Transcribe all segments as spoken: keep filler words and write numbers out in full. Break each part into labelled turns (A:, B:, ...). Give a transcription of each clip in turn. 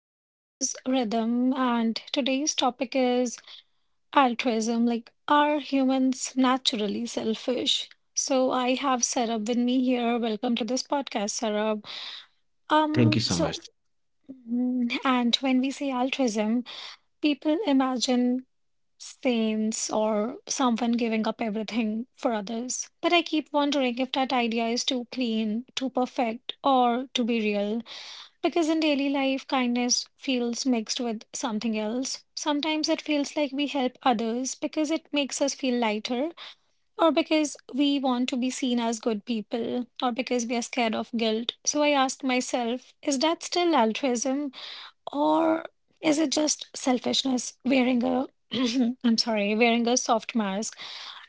A: My name is Rhythm, and today's topic is altruism. Like, are humans naturally selfish? So, I have Sarab with me here. Welcome to this podcast, Sarab.
B: Thank
A: Um,
B: you so much.
A: so, mm, and When we say altruism, people imagine saints or someone giving up everything for others. But I keep wondering if that idea is too clean, too perfect, or to be real. Because in daily life, kindness feels mixed with something else. Sometimes it feels like we help others because it makes us feel lighter, or because we want to be seen as good people, or because we are scared of guilt. So I ask myself, is that still altruism, or is it just selfishness wearing a I'm sorry, wearing a soft mask?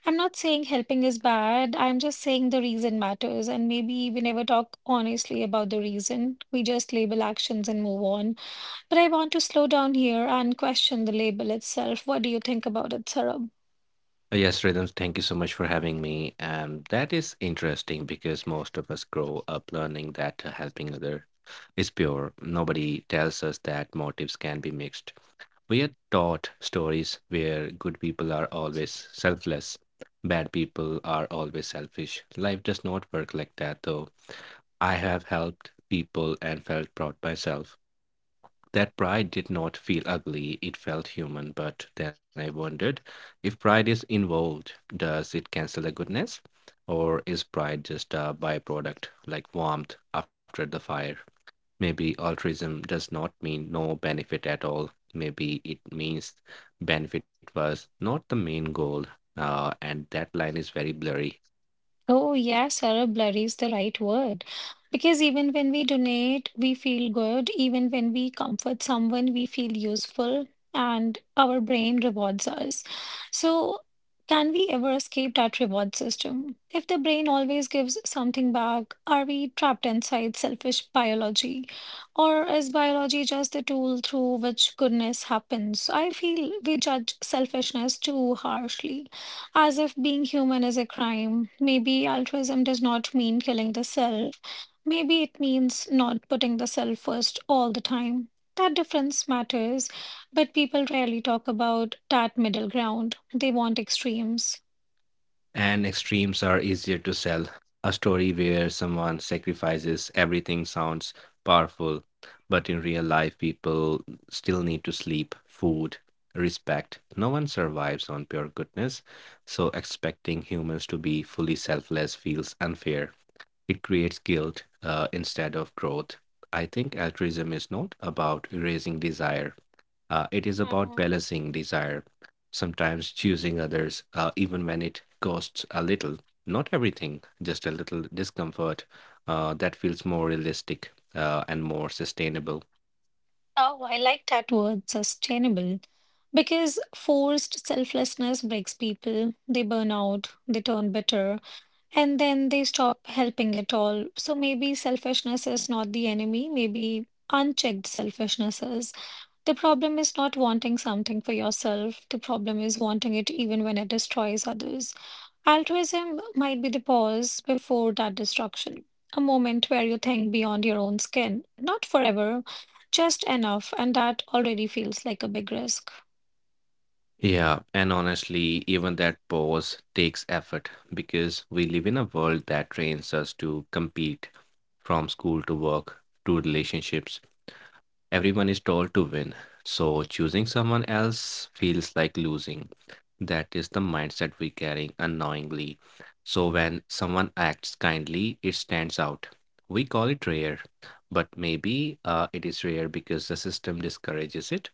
A: I'm not saying helping is bad. I'm just saying the reason matters. And maybe we never talk honestly about the reason. We just label actions and move on. But I want to slow down here and question the label itself. What do you think about it, Sarab?
B: Uh, Yes, Rhythms, thank you so much for having me. And that is interesting because most of us grow up learning that uh, helping other is pure. Nobody tells us that motives can be mixed. We are taught stories where good people are always selfless, bad people are always selfish. Life does not work like that, though. I have helped people and felt proud myself. That pride did not feel ugly, it felt human. But then I wondered if pride is involved, does it cancel the goodness? Or is pride just a byproduct, like warmth after the fire? Maybe altruism does not mean no benefit at all. Maybe it means benefit was not the main goal. Uh, and that line is very blurry.
A: Oh, yes, Arab, blurry is the right word. Because even when we donate, we feel good. Even when we comfort someone, we feel useful and our brain rewards us. So, can we ever escape that reward system? If the brain always gives something back, are we trapped inside selfish biology? Or is biology just the tool through which goodness happens? I feel we judge selfishness too harshly as if being human is a crime. Maybe altruism does not mean killing the self. Maybe it means not putting the self first all the time. That difference matters, but people rarely talk about that middle ground. They want extremes.
B: And extremes are easier to sell. A story where someone sacrifices everything sounds powerful, but in real life, people still need to sleep, food, respect. No one survives on pure goodness, so expecting humans to be fully selfless feels unfair. It creates guilt uh, instead of growth. I think altruism is not about erasing desire, uh, it is about
A: Mhm.
B: balancing desire, sometimes choosing others, uh, even when it costs a little. Not everything, just a little discomfort uh, that feels more realistic uh, and more sustainable.
A: Oh, I like that word, sustainable. Because forced selflessness breaks people. They burn out, they turn bitter, and then they stop helping at all. So maybe selfishness is not the enemy, maybe unchecked selfishness is. The problem is not wanting something for yourself, the problem is wanting it even when it destroys others. Altruism might be the pause before that destruction, a moment where you think beyond your own skin, not forever, just enough, and that already feels like a big risk.
B: Yeah, and honestly, even that pause takes effort because we live in a world that trains us to compete from school to work to relationships. Everyone is told to win, so choosing someone else feels like losing. That is the mindset we carry unknowingly. So when someone acts kindly, it stands out. We call it rare, but maybe uh, it is rare because the system discourages it,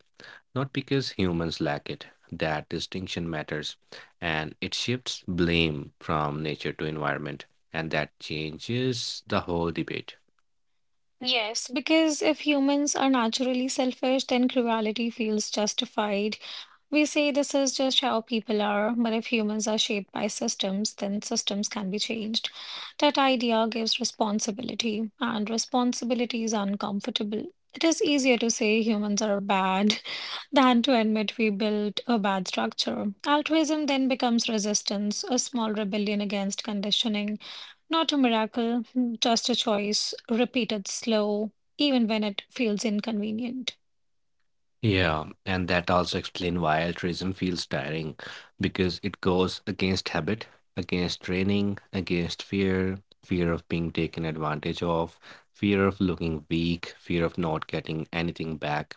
B: not because humans lack it. That distinction matters, and it shifts blame from nature to environment, and that changes the whole debate.
A: Yes, because if humans are naturally selfish, then cruelty feels justified. We say this is just how people are, but if humans are shaped by systems, then systems can be changed. That idea gives responsibility, and responsibility is uncomfortable. It is easier to say humans are bad than to admit we built a bad structure. Altruism then becomes resistance, a small rebellion against conditioning. Not a miracle, just a choice, repeated slow, even when it feels inconvenient.
B: Yeah, and that also explains why altruism feels tiring because it goes against habit, against training, against fear, fear of being taken advantage of, fear of looking weak, fear of not getting anything back.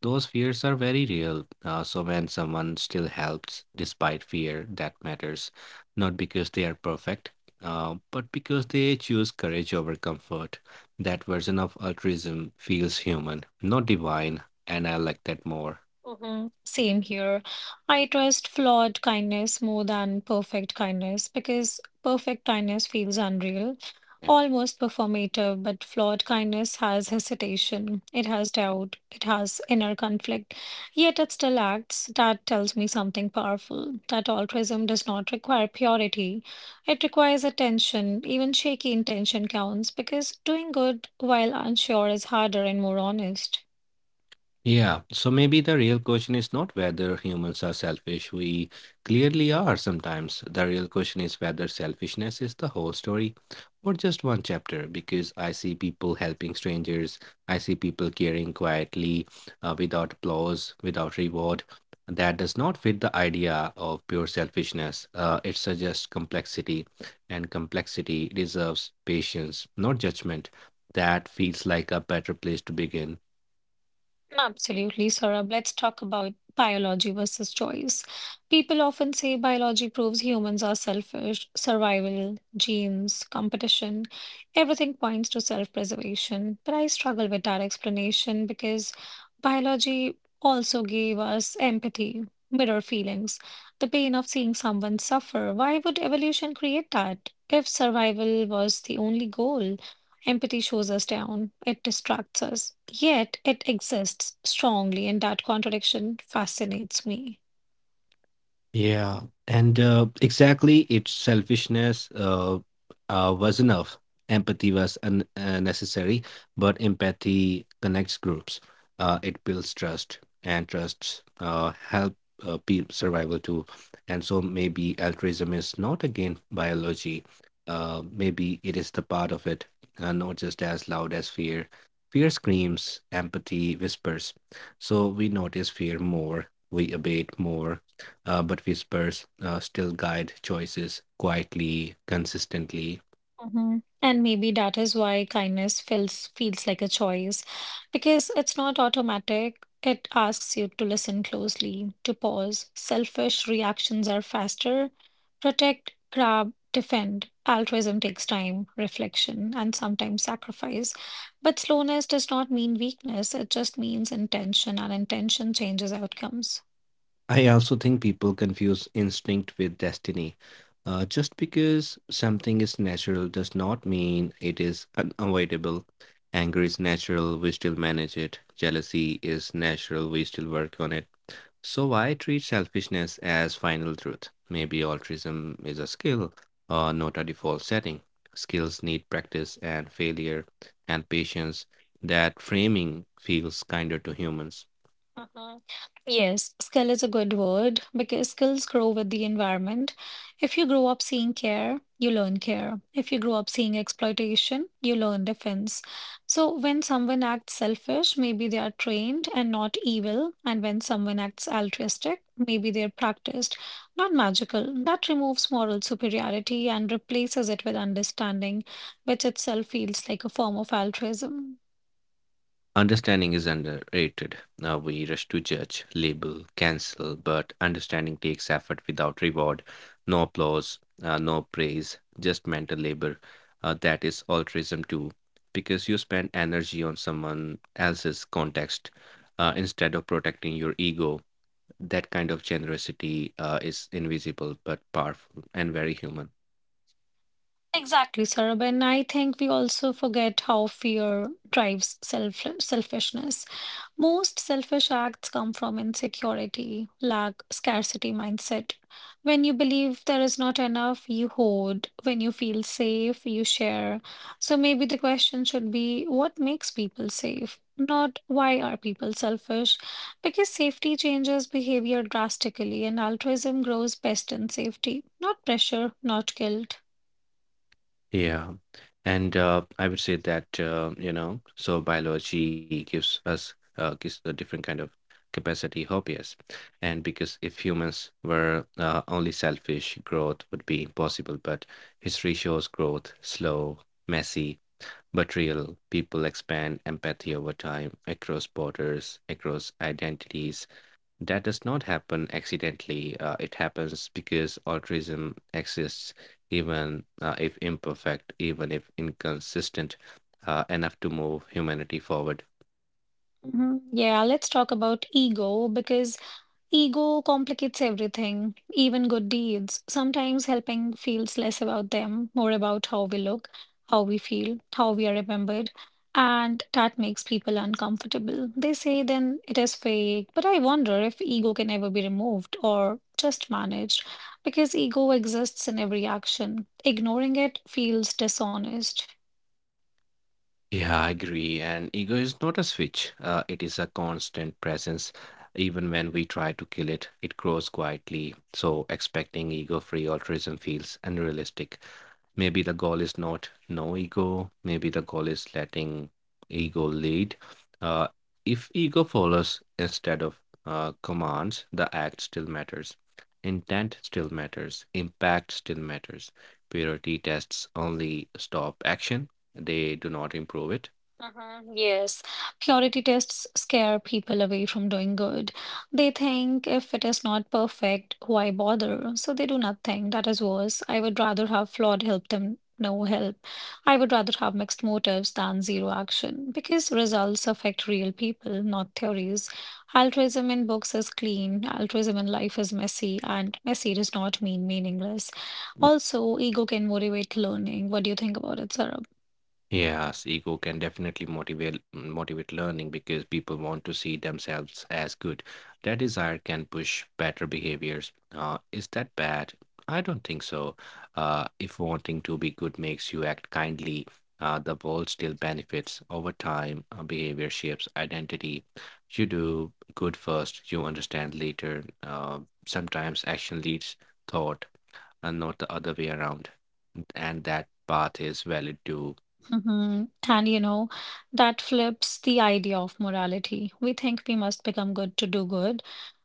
B: Those fears are very real. Uh, so when someone still helps despite fear, that matters. Not because they are perfect, uh, but because they choose courage over comfort. That version of altruism feels human, not divine, and I like that more.
A: Mhm. Same here. I trust flawed kindness more than perfect kindness because perfect kindness feels unreal,
B: Yeah.
A: almost performative, but flawed kindness has hesitation, it has doubt, it has inner conflict, yet it still acts. That tells me something powerful, that altruism does not require purity. It requires attention. Even shaky intention counts because doing good while unsure is harder and more honest.
B: Yeah, so maybe the real question is not whether humans are selfish. We clearly are sometimes. The real question is whether selfishness is the whole story or just one chapter. Because I see people helping strangers, I see people caring quietly, uh, without applause, without reward. That does not fit the idea of pure selfishness. Uh, it suggests complexity, and complexity deserves patience, not judgment. That feels like a better place to begin.
A: Absolutely, Saurabh. Let's talk about biology versus choice. People often say biology proves humans are selfish, survival, genes, competition, everything points to self-preservation. But I struggle with that explanation because biology also gave us empathy, mirror feelings, the pain of seeing someone suffer. Why would evolution create that if survival was the only goal? Empathy shows us down, it distracts us, yet it exists strongly, and that contradiction fascinates me.
B: Yeah, and uh, exactly, its selfishness uh, uh, was enough. Empathy was un- uh, necessary, but empathy connects groups. Uh, it builds trust, and trust uh, help uh, pe- survival too. And so maybe altruism is not again biology. Uh, maybe it is the part of it, uh, not just as loud as fear. Fear screams, empathy whispers. So we notice fear more, we abate more uh, but whispers uh, still guide choices quietly, consistently.
A: hmm And maybe that is why kindness feels feels like a choice, because it's not automatic. It asks you to listen closely, to pause. Selfish reactions are faster. Protect, grab, defend. Altruism takes time, reflection, and sometimes sacrifice. But slowness does not mean weakness. It just means intention, and intention changes outcomes.
B: I also think people confuse instinct with destiny. Uh, just because something is natural does not mean it is unavoidable. Anger is natural, we still manage it. Jealousy is natural, we still work on it. So, why treat selfishness as final truth? Maybe altruism is a skill, or not a default setting. Skills need practice and failure and patience. That framing feels kinder to humans.
A: uh Yes, skill is a good word because skills grow with the environment. If you grow up seeing care, you learn care. If you grow up seeing exploitation, you learn defense. So when someone acts selfish, maybe they are trained and not evil. And when someone acts altruistic, maybe they're practiced, not magical. That removes moral superiority and replaces it with understanding, which itself feels like a form of altruism.
B: Understanding is underrated. Now we rush to judge, label, cancel, but understanding takes effort without reward, no applause, uh, no praise, just mental labor. Uh, that is altruism too, because you spend energy on someone else's context uh, instead of protecting your ego. That kind of generosity uh, is invisible but powerful and very human.
A: Exactly, Sarab. And I think we also forget how fear drives self selfishness. Most selfish acts come from insecurity, lack, scarcity mindset. When you believe there is not enough, you hoard. When you feel safe, you share. So maybe the question should be what makes people safe? Not why are people selfish? Because safety changes behavior drastically, and altruism grows best in safety, not pressure, not guilt.
B: Yeah. And uh, I would say that, uh, you know, so biology gives us uh, gives a different kind of capacity, hobbies. And because if humans were uh, only selfish, growth would be impossible. But history shows growth slow, messy, but real. People expand empathy over time, across borders, across identities, that does not happen accidentally. Uh, it happens because altruism exists, even uh, if imperfect, even if inconsistent, uh, enough to move humanity forward.
A: Mhm. Yeah, let's talk about ego because ego complicates everything, even good deeds. Sometimes helping feels less about them, more about how we look, how we feel, how we are remembered. And that makes people uncomfortable. They say then it is fake, but I wonder if ego can ever be removed or just managed because ego exists in every action. Ignoring it feels dishonest.
B: Yeah, I agree. And ego is not a switch, uh, it is a constant presence. Even when we try to kill it, it grows quietly. So, expecting ego free altruism feels unrealistic. Maybe the goal is not no ego. Maybe the goal is letting ego lead. Uh, if ego follows instead of uh, commands, the act still matters. Intent still matters. Impact still matters. Purity tests only stop action, they do not improve it.
A: Uh-huh, yes, purity tests scare people away from doing good. They think if it is not perfect, why bother? So they do nothing. That is worse. I would rather have flawed help than no help. I would rather have mixed motives than zero action because results affect real people, not theories. Altruism in books is clean, altruism in life is messy, and messy does not mean meaningless. Also, ego can motivate learning. What do you think about it, Sarah?
B: Yes, ego can definitely motivate motivate learning because people want to see themselves as good. That desire can push better behaviors. Uh, is that bad? I don't think so. Uh, if wanting to be good makes you act kindly, uh, the world still benefits. Over time, uh, behavior shapes identity. You do good first, you understand later. Uh, sometimes action leads thought, and not the other way around. And that path is valid too.
A: hmm And you know, that flips the idea of morality. We think we must become good to do good,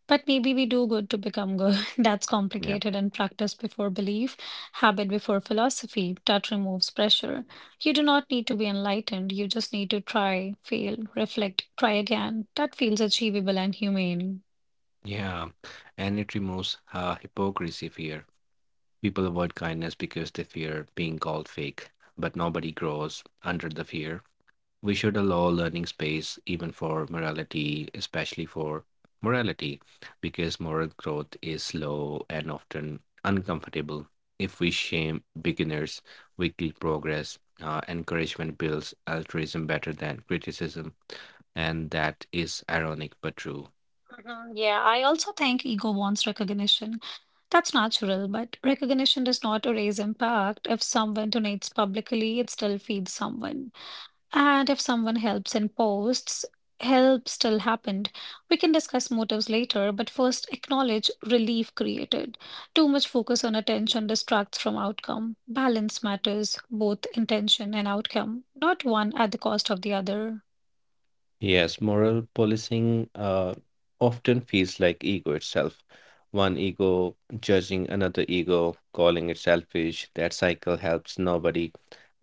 A: but maybe we do good to become good. That's complicated and practice before belief, habit before philosophy. That removes pressure. You do not need to be enlightened. You just need to try, fail, reflect, try again. That feels achievable and humane.
B: Yeah, and it removes uh, hypocrisy fear. People avoid kindness because they fear being called fake, but nobody grows under the fear. We should allow learning space even for morality, especially for morality, because moral growth is slow and often uncomfortable. If we shame beginners, we kill progress. Uh, encouragement builds altruism better than criticism, and that is ironic but true.
A: Mhm. Yeah, I also think ego wants recognition. That's natural, but recognition does not erase impact. If someone donates publicly, it still feeds someone. And if someone helps in posts, help still happened. We can discuss motives later, but first acknowledge relief created. Too much focus on attention distracts from outcome. Balance matters, both intention and outcome, not one at the cost of the other.
B: Yes, moral policing uh, often feels like ego itself. One ego judging another ego, calling it selfish. That cycle helps nobody.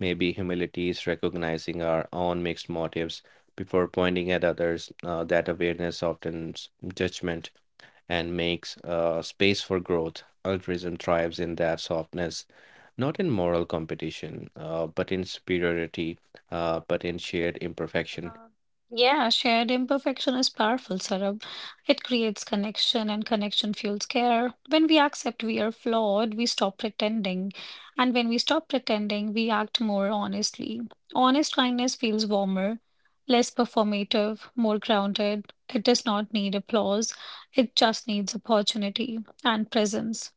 B: Maybe humility is recognizing our own mixed motives before pointing at others. Uh, that awareness softens judgment and makes uh, space for growth. Altruism thrives in that softness, not in moral competition, uh, but in superiority, uh, but in shared imperfection.
A: uh Yeah, shared imperfection is powerful, Sarab. It creates connection, and connection fuels care. When we accept we are flawed, we stop pretending. And when we stop pretending, we act more honestly. Honest kindness feels warmer, less performative, more grounded. It does not need applause, it just needs opportunity and presence.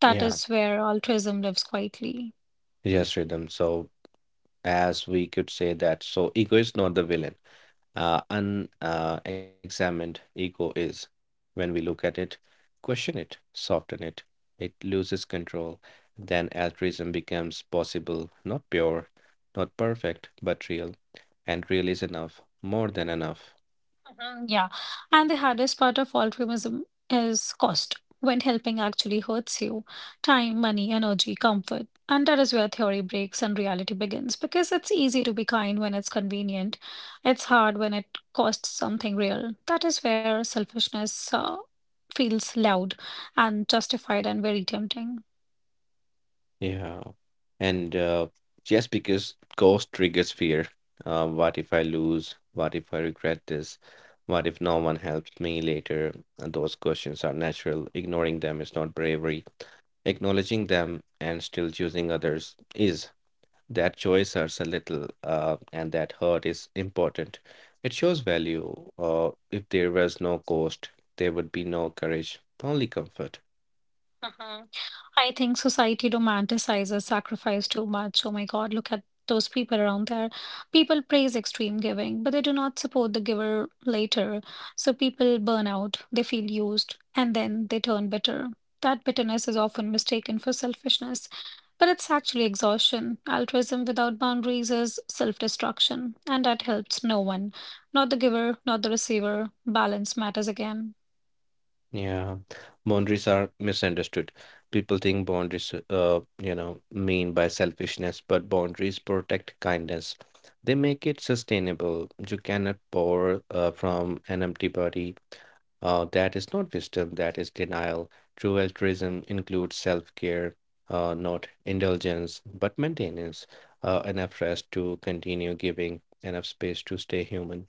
A: That
B: Yeah.
A: is where altruism lives quietly.
B: Yes, Rhythm. So, as we could say that, so ego is not the villain. Uh, unexamined uh, examined ego is. When we look at it, question it, soften it, it loses control. Then altruism becomes possible, not pure, not perfect, but real. And real is enough, more than enough.
A: Mm. Yeah, and the hardest part of altruism is cost. When helping actually hurts you, time, money, energy, comfort. And that is where theory breaks and reality begins because it's easy to be kind when it's convenient. It's hard when it costs something real. That is where selfishness uh, feels loud and justified and very tempting.
B: Yeah. And uh, Just because ghost triggers fear. Uh, what if I lose? What if I regret this? What if no one helps me later? And those questions are natural. Ignoring them is not bravery. Acknowledging them and still choosing others is. That choice hurts a little, uh, and that hurt is important. It shows value. Uh, if there was no ghost, there would be no courage, only comfort.
A: I think society romanticizes sacrifice too much. Oh my God, look at those people around there. People praise extreme giving, but they do not support the giver later. So people burn out, they feel used, and then they turn bitter. That bitterness is often mistaken for selfishness, but it's actually exhaustion. Altruism without boundaries is self destruction, and that helps no one. Not the giver, not the receiver. Balance matters again.
B: Yeah, boundaries are misunderstood. People think boundaries, uh, you know, mean by selfishness, but boundaries protect kindness. They make it sustainable. You cannot pour uh, from an empty body. Uh, that is not wisdom, that is denial. True altruism includes self-care, uh, not indulgence, but maintenance, uh, enough rest to continue giving, enough space to stay human.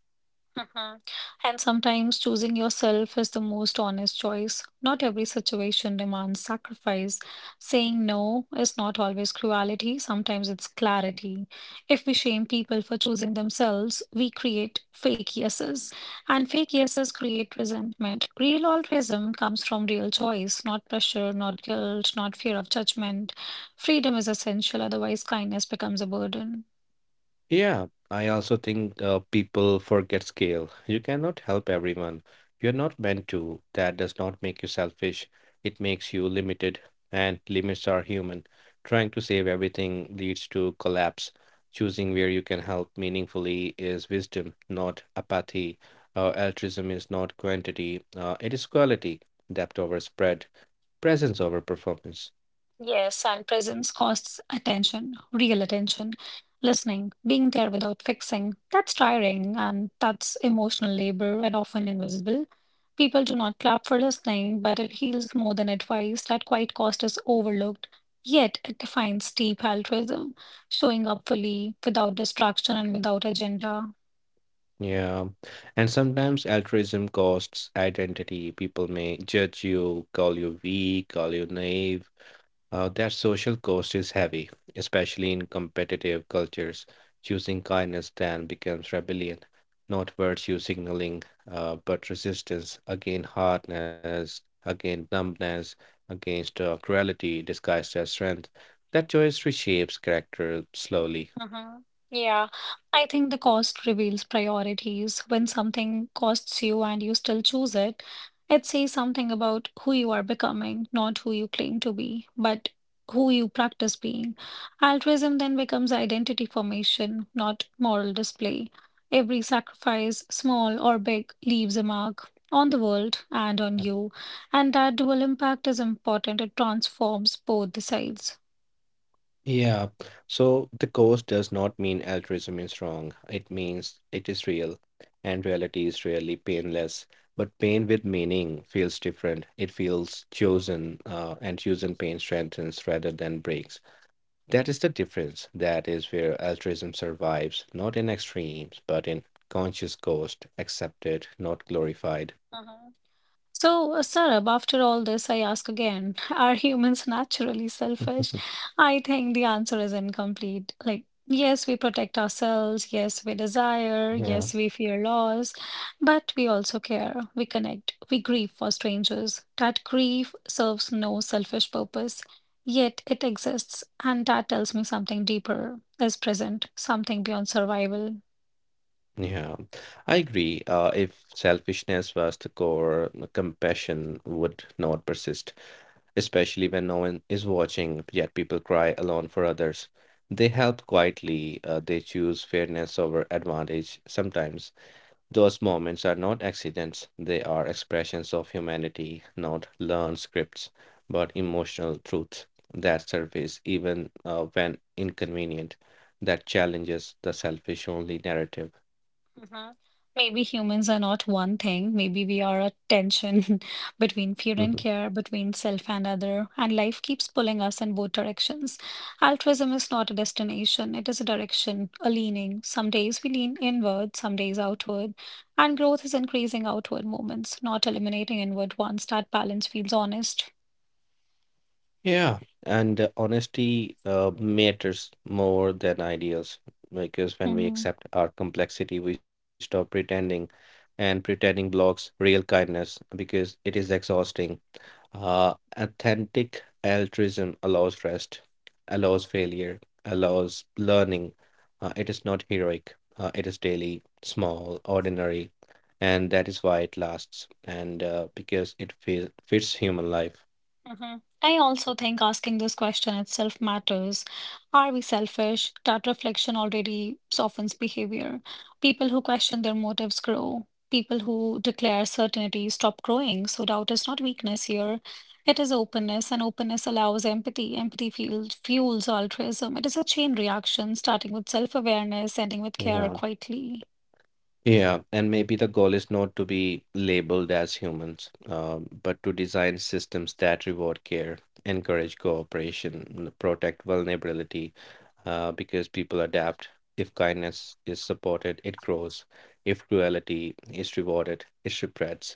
A: Mhm. And sometimes choosing yourself is the most honest choice. Not every situation demands sacrifice. Saying no is not always cruelty, sometimes it's clarity. If we shame people for choosing themselves, we create fake yeses. And fake yeses create resentment. Real altruism comes from real choice, not pressure, not guilt, not fear of judgment. Freedom is essential, otherwise, kindness becomes a burden.
B: Yeah, I also think uh, people forget scale. You cannot help everyone. You're not meant to. That does not make you selfish. It makes you limited, and limits are human. Trying to save everything leads to collapse. Choosing where you can help meaningfully is wisdom, not apathy. Uh, altruism is not quantity, uh, it is quality, depth over spread, presence over performance.
A: Yes, and presence costs attention, real attention, listening, being there without fixing. That's tiring and that's emotional labor and often invisible. People do not clap for listening, but it heals more than advice. That quiet cost is overlooked. Yet it defines deep altruism, showing up fully, without distraction and without agenda.
B: Yeah. And sometimes altruism costs identity. People may judge you, call you weak, call you naive. Uh, that social cost is heavy, especially in competitive cultures. Choosing kindness then becomes rebellion, not virtue signaling, uh, but resistance against hardness, against numbness, against uh, cruelty disguised as strength. That choice reshapes character slowly.
A: Uh-huh. Yeah, I think the cost reveals priorities. When something costs you and you still choose it, it says something about who you are becoming, not who you claim to be, but who you practice being. Altruism then becomes identity formation, not moral display. Every sacrifice, small or big, leaves a mark on the world and on you. And that dual impact is important. It transforms both the sides.
B: Yeah, so the course does not mean altruism is wrong. It means it is real, and reality is rarely painless. But pain with meaning feels different. It feels chosen, uh, and chosen pain strengthens rather than breaks. That is the difference. That is where altruism survives, not in extremes, but in conscious cost, accepted, not glorified.
A: So, uh, Sarab, after all this, I ask again, are humans naturally selfish? I think the answer is incomplete. Like, yes, we protect ourselves, yes, we desire,
B: Yeah.
A: yes, we fear loss, but we also care, we connect, we grieve for strangers. That grief serves no selfish purpose, yet it exists, and that tells me something deeper is present, something beyond survival.
B: Yeah, I agree. Uh, if selfishness was the core, compassion would not persist, especially when no one is watching, yet people cry alone for others. They help quietly, uh, they choose fairness over advantage. Sometimes those moments are not accidents, they are expressions of humanity, not learned scripts, but emotional truths that surface even uh, when inconvenient, that challenges the selfish only narrative.
A: Mhm. Maybe humans are not one thing. Maybe we are a tension between fear and care, between self and other, and life keeps pulling us in both directions. Altruism is not a destination, it is a direction, a leaning. Some days we lean inward, some days outward, and growth is increasing outward movements, not eliminating inward ones. That balance feels honest.
B: Yeah, and uh, honesty uh, matters more than ideals because when we
A: Mhm.
B: accept our complexity, we stop pretending, and pretending blocks real kindness because it is exhausting. Uh, authentic altruism allows rest, allows failure, allows learning. Uh, it is not heroic, uh, it is daily, small, ordinary, and that is why it lasts, and uh, because it fi fits human life.
A: Mhm. I also think asking this question itself matters. Are we selfish? That reflection already softens behavior. People who question their motives grow. People who declare certainty stop growing. So doubt is not weakness here. It is openness, and openness allows empathy. Empathy fuels, fuels altruism. It is a chain reaction, starting with self-awareness, ending with care
B: Yeah.
A: quietly.
B: Yeah, and maybe the goal is not to be labeled as humans, um, but to design systems that reward care, encourage cooperation, n- protect vulnerability, uh, because people adapt. If kindness is supported, it grows. If cruelty is rewarded, it spreads.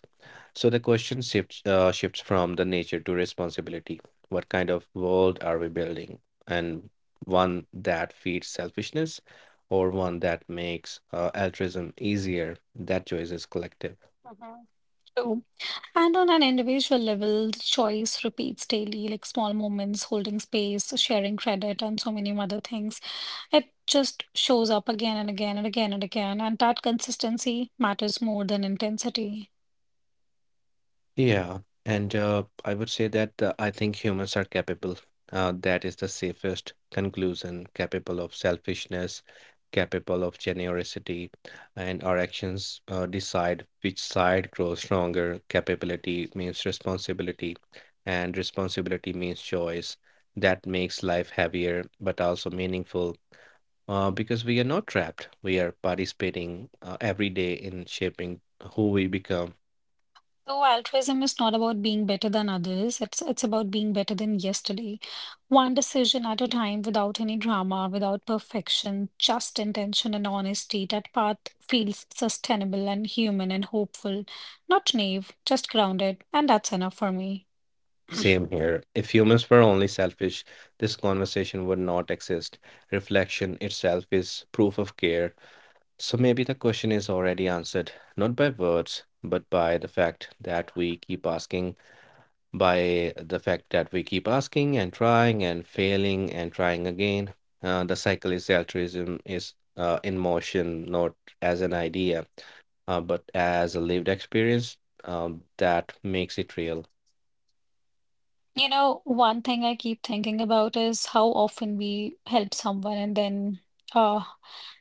B: So the question shifts uh, shifts from the nature to responsibility. What kind of world are we building? And one that feeds selfishness or one that makes uh, altruism easier? That choice is collective.
A: Mhm. True. And on an individual level, choice repeats daily, like small moments, holding space, sharing credit, and so many other things. It just shows up again and again and again and again. And that consistency matters more than intensity.
B: Yeah, and uh, I would say that uh, I think humans are capable. Uh, that is the safest conclusion, capable of selfishness, capable of generosity, and our actions uh, decide which side grows stronger. Capability means responsibility, and responsibility means choice. That makes life heavier, but also meaningful, uh, because we are not trapped. We are participating uh, every day in shaping who we become.
A: So altruism is not about being better than others. It's it's about being better than yesterday. One decision at a time without any drama, without perfection, just intention and honesty. That path feels sustainable and human and hopeful. Not naive, just grounded, and that's enough for me.
B: Same here. If humans were only selfish, this conversation would not exist. Reflection itself is proof of care. So maybe the question is already answered, not by words, but by the fact that we keep asking, by the fact that we keep asking and trying and failing and trying again. Uh, the cycle is altruism is uh, in motion, not as an idea, uh, but as a lived experience um, that makes it real.
A: You know, one thing I keep thinking about is how often we help someone and then uh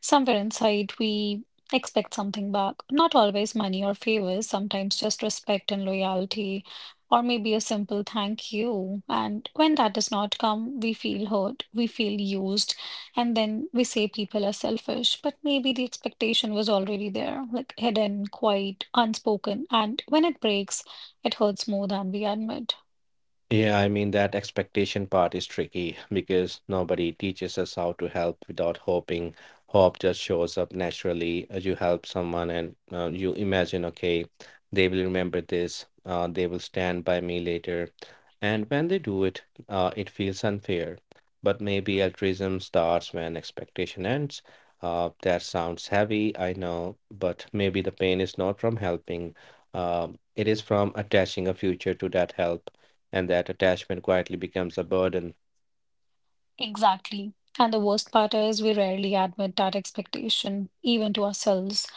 A: somewhere inside we expect something back. Not always money or favors, sometimes just respect and loyalty, or maybe a simple thank you. And when that does not come, we feel hurt, we feel used, and then we say people are selfish. But maybe the expectation was already there, like hidden, quiet, unspoken, and when it breaks, it hurts more than we admit.
B: Yeah, I mean, that expectation part is tricky because nobody teaches us how to help without hoping. Hope just shows up naturally. Uh, You help someone and uh, you imagine, okay, they will remember this, uh, they will stand by me later. And when they do it, uh, it feels unfair. But maybe altruism starts when expectation ends. Uh, that sounds heavy, I know, but maybe the pain is not from helping, uh, it is from attaching a future to that help, and that attachment quietly becomes a burden.
A: Exactly. And the worst part is we rarely admit that expectation, even to ourselves.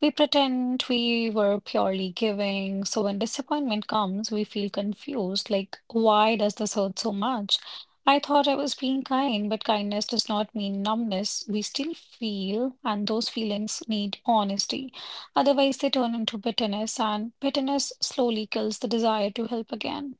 A: We pretend we were purely giving. So when disappointment comes, we feel confused, like, why does this hurt so much? I thought I was being kind, but kindness does not mean numbness. We still feel, and those feelings need honesty. Otherwise, they turn into bitterness, and bitterness slowly kills the desire to help again.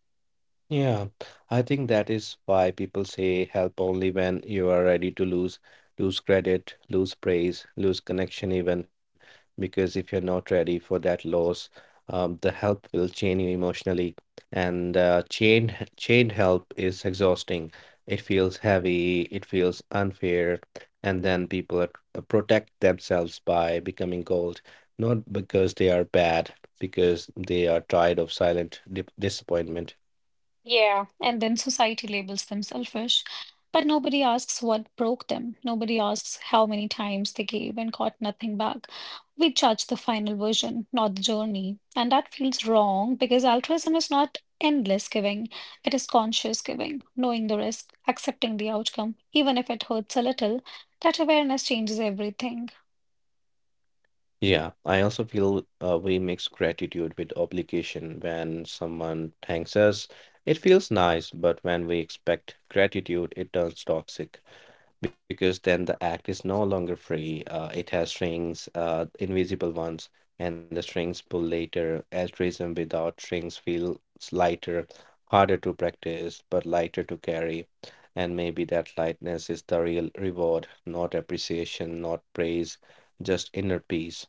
B: Yeah, I think that is why people say help only when you are ready to lose, lose credit, lose praise, lose connection even, because if you're not ready for that loss, um, the help will chain you emotionally, and uh, chained chained help is exhausting. It feels heavy, it feels unfair, and then people are, uh, protect themselves by becoming cold, not because they are bad, because they are tired of silent dip disappointment.
A: Yeah, and then society labels them selfish, but nobody asks what broke them. Nobody asks how many times they gave and got nothing back. We judge the final version, not the journey. And that feels wrong because altruism is not endless giving, it is conscious giving, knowing the risk, accepting the outcome, even if it hurts a little. That awareness changes everything.
B: Yeah, I also feel uh, we mix gratitude with obligation. When someone thanks us, it feels nice, but when we expect gratitude, it turns toxic because then the act is no longer free. Uh, it has strings, uh, invisible ones, and the strings pull later. Altruism without strings feels lighter, harder to practice, but lighter to carry. And maybe that lightness is the real reward, not appreciation, not praise, just inner peace.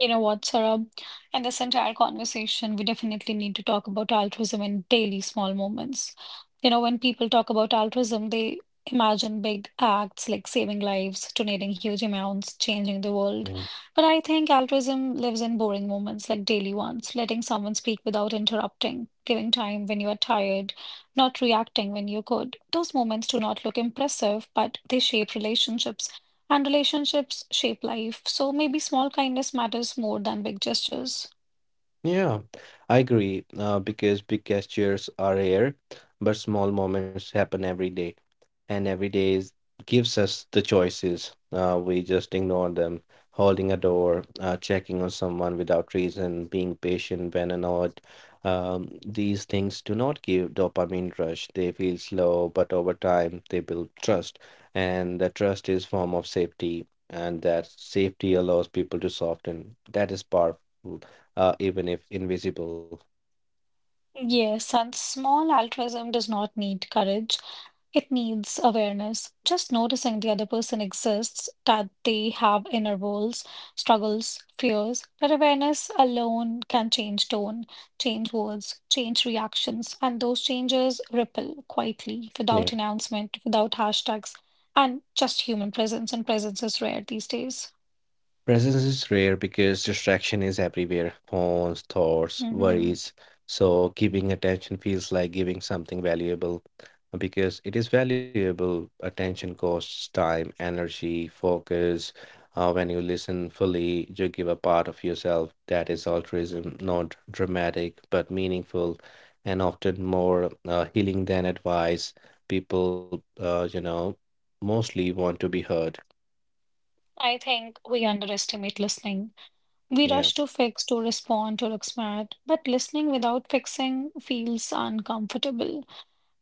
A: You know what, Saurabh? In this entire conversation, we definitely need to talk about altruism in daily small moments. You know, when people talk about altruism, they imagine big acts like saving lives, donating huge amounts, changing the world. But I think altruism lives in boring moments like daily ones, letting someone speak without interrupting, giving time when you are tired, not reacting when you could. Those moments do not look impressive, but they shape relationships and relationships shape life, so maybe small kindness matters more than big gestures.
B: Yeah, I agree, uh, because big gestures are rare, but small moments happen every day, and every day is, gives us the choices. Uh, we just ignore them, holding a door, uh, checking on someone without reason, being patient when annoyed. Um, these things do not give dopamine rush. They feel slow, but over time they build trust, and the trust is form of safety, and that safety allows people to soften. That is powerful uh, even if invisible.
A: Yes, and small altruism does not need courage. It needs awareness. Just noticing the other person exists, that they have inner worlds, struggles, fears. That awareness alone can change tone, change words, change reactions, and those changes ripple quietly,
B: Yeah.
A: without announcement, without hashtags, and just human presence, and presence is rare these days.
B: Presence is rare because distraction is everywhere phones, thoughts,
A: Hmm.
B: worries. So, giving attention feels like giving something valuable because it is valuable. Attention costs time, energy, focus. Uh, when you listen fully, you give a part of yourself. That is altruism, not dramatic, but meaningful and often more uh, healing than advice. People, uh, you know, mostly want to be heard.
A: I think we underestimate listening. We
B: Yeah.
A: rush to fix, to respond, to look smart, but listening without fixing feels uncomfortable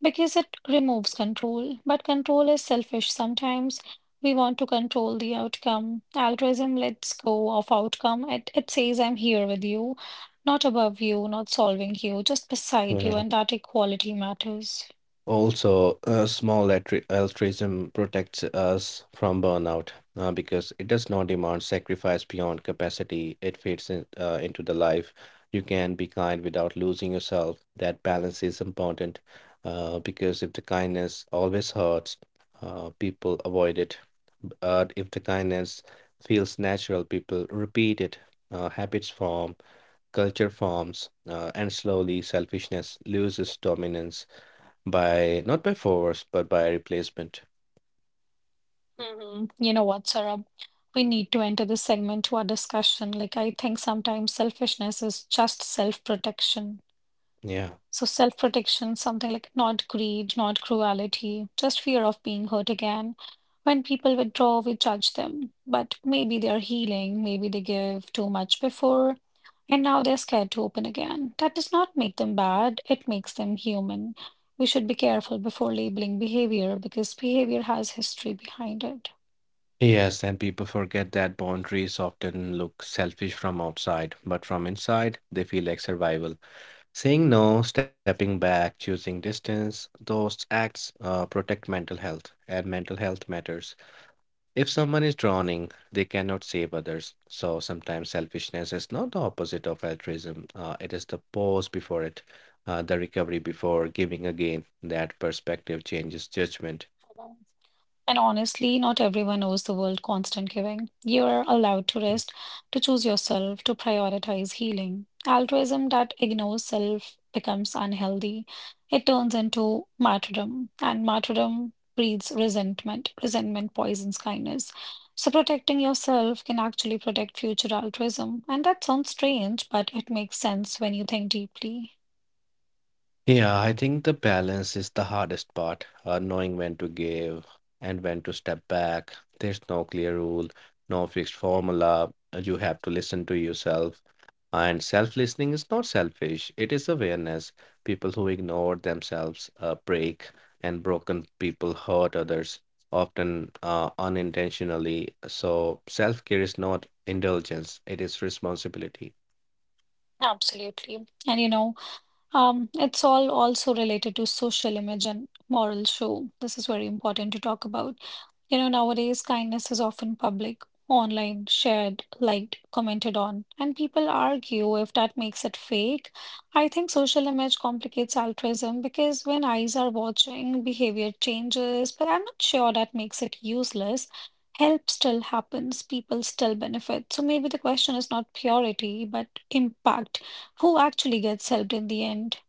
A: because it removes control. But control is selfish sometimes. We want to control the outcome. Altruism lets go of outcome. It, it says, I'm here with you, not above you, not solving you, just beside you,
B: Yeah.
A: and that equality matters.
B: Also, uh, small altru- altruism protects us from burnout uh, because it does not demand sacrifice beyond capacity. It fits in, uh, into the life. You can be kind without losing yourself. That balance is important uh, because if the kindness always hurts, uh, people avoid it. But if the kindness feels natural, people repeat it. Uh, habits form, culture forms, uh, and slowly selfishness loses dominance. By not by force but by replacement.
A: Mhm. You know what, Sarah? We need to enter this segment to our discussion. Like, I think sometimes selfishness is just self-protection.
B: Yeah.
A: So, self-protection, something like not greed, not cruelty, just fear of being hurt again. When people withdraw, we judge them. But maybe they're healing, maybe they give too much before, and now they're scared to open again. That does not make them bad, it makes them human. We should be careful before labeling behavior because behavior has history behind it.
B: Yes, and people forget that boundaries often look selfish from outside, but from inside they feel like survival. Saying no, stepping back, choosing distance, those acts uh, protect mental health, and mental health matters. If someone is drowning, they cannot save others. So sometimes selfishness is not the opposite of altruism, uh, it is the pause before it, uh, the recovery before giving again. That perspective changes judgment.
A: And honestly, not everyone owes the world constant giving. You are allowed to rest, to choose yourself, to prioritize healing. Altruism that ignores self becomes unhealthy. It turns into martyrdom, and martyrdom breeds resentment. Resentment poisons kindness. So, protecting yourself can actually protect future altruism. And that sounds strange, but it makes sense when you think deeply.
B: Yeah, I think the balance is the hardest part, uh, knowing when to give and when to step back. There's no clear rule, no fixed formula. Uh, You have to listen to yourself. And self-listening is not selfish, it is awareness. People who ignore themselves uh, break, and broken people hurt others, often uh, unintentionally. So, self-care is not indulgence, it is responsibility.
A: Absolutely. And you know, Um, it's all also related to social image and moral show. This is very important to talk about. You know, nowadays, kindness is often public, online, shared, liked, commented on, and people argue if that makes it fake. I think social image complicates altruism because when eyes are watching, behavior changes, but I'm not sure that makes it useless. Help still happens, people still benefit. So maybe the question is not purity, but impact. Who actually gets helped in the end?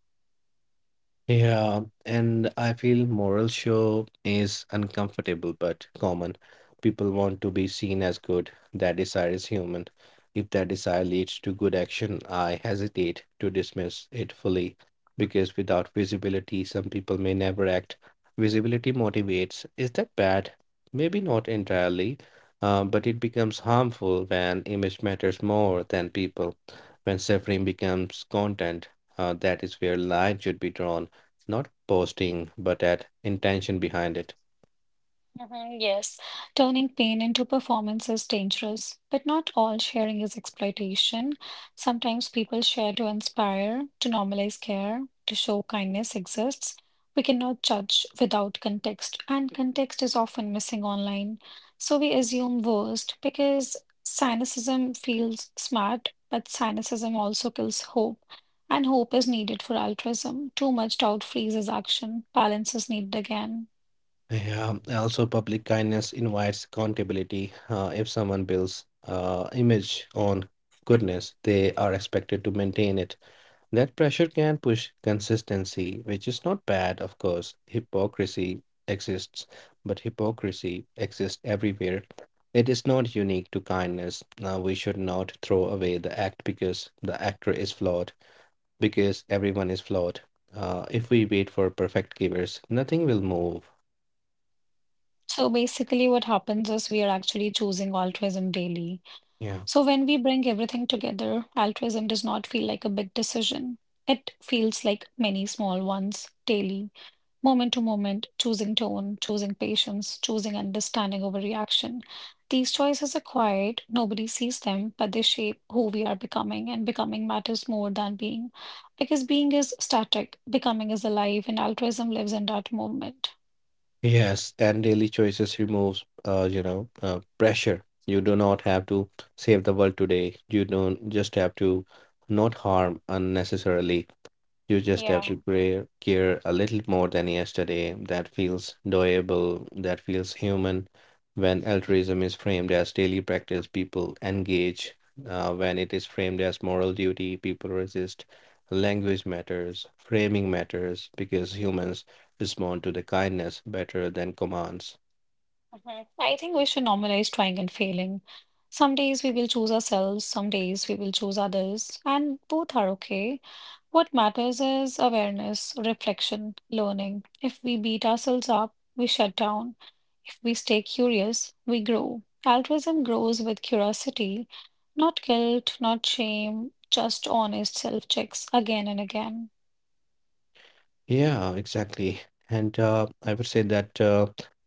B: Yeah, and I feel moral show is uncomfortable but common. People want to be seen as good. That desire is human. If that desire leads to good action, I hesitate to dismiss it fully because without visibility, some people may never act. Visibility motivates. Is that bad? Maybe not entirely, uh, but it becomes harmful when image matters more than people. When suffering becomes content, uh, that is where line should be drawn, not boasting, but at intention behind it.
A: Mhm. Yes, turning pain into performance is dangerous, but not all sharing is exploitation. Sometimes people share to inspire, to normalize care, to show kindness exists. We cannot judge without context, and context is often missing online. So we assume worst because cynicism feels smart, but cynicism also kills hope, and hope is needed for altruism. Too much doubt freezes action, balance is needed again.
B: Yeah, also public kindness invites accountability. Uh, if someone builds uh, image on goodness, they are expected to maintain it. That pressure can push consistency, which is not bad, of course. Hypocrisy exists, but hypocrisy exists everywhere. It is not unique to kindness. Now, we should not throw away the act because the actor is flawed. Because everyone is flawed. Uh, if we wait for perfect givers, nothing will move.
A: So basically, what happens is we are actually choosing altruism daily.
B: Yeah.
A: So when we bring everything together, altruism does not feel like a big decision. It feels like many small ones daily, moment to moment, choosing tone, choosing patience, choosing understanding over reaction. These choices are quiet, nobody sees them, but they shape who we are becoming, and becoming matters more than being. Because being is static, becoming is alive, and altruism lives in that moment.
B: Yes, and daily choices removes, uh, you know, uh, pressure. You do not have to save the world today. You don't just have to not harm unnecessarily. You just have
A: Yeah.
B: to care, care a little more than yesterday. That feels doable, that feels human. When altruism is framed as daily practice, people engage. Uh, when it is framed as moral duty, people resist. Language matters, framing matters, because humans respond to the kindness better than commands.
A: Mhm. I think we should normalize trying and failing. Some days we will choose ourselves, some days we will choose others, and both are okay. What matters is awareness, reflection, learning. If we beat ourselves up, we shut down. If we stay curious, we grow. Altruism grows with curiosity, not guilt, not shame, just honest self checks again and again.
B: Yeah, exactly. And uh, I would say that, uh,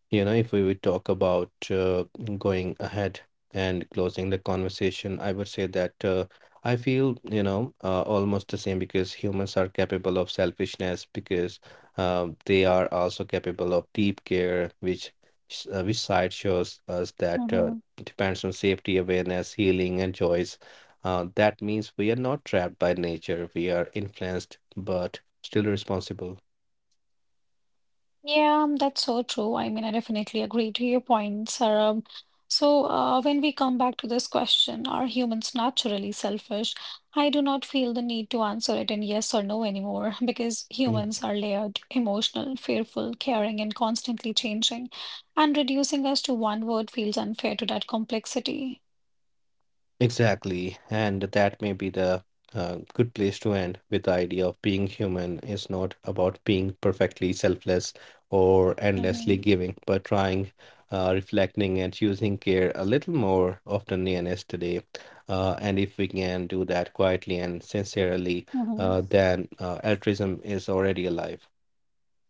B: you know, if we would talk about uh, going ahead and closing the conversation, I would say that uh, I feel, you know, uh, almost the same because humans are capable of selfishness because um, they are also capable of deep care, which s- uh, which side shows us that uh,
A: Hmm.
B: depends on safety, awareness, healing, and choice. Uh, that means we are not trapped by nature. We are influenced, but still responsible.
A: Yeah, that's so true. I mean, I definitely agree to your point, Sarah. So, uh, when we come back to this question, are humans naturally selfish? I do not feel the need to answer it in yes or no anymore because
B: Yeah.
A: humans are layered, emotional, fearful, caring, and constantly changing. And reducing us to one word feels unfair to that complexity.
B: Exactly. And that may be the uh, good place to end with the idea of being human is not about being perfectly selfless or endlessly
A: Mm-hmm.
B: giving, but trying, uh, reflecting, and choosing care a little more often than yesterday. Uh, and if we can do that quietly and sincerely,
A: Mm-hmm.
B: uh, then uh, altruism is already alive.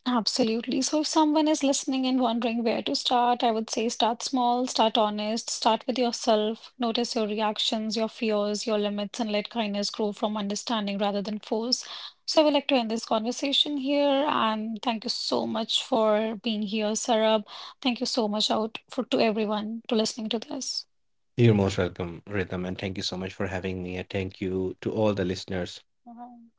A: Absolutely. So if someone is listening and wondering where to start, I would say start small, start honest, start with yourself, notice your reactions, your fears, your limits, and let kindness grow from understanding rather than force. So I would like to end this conversation here and thank you so much for being here, Sarab. Thank you so much out for to everyone to listening to this.
B: You're most welcome, Rhythm, and thank you so much for having me. And thank you to all the listeners.
A: Bye.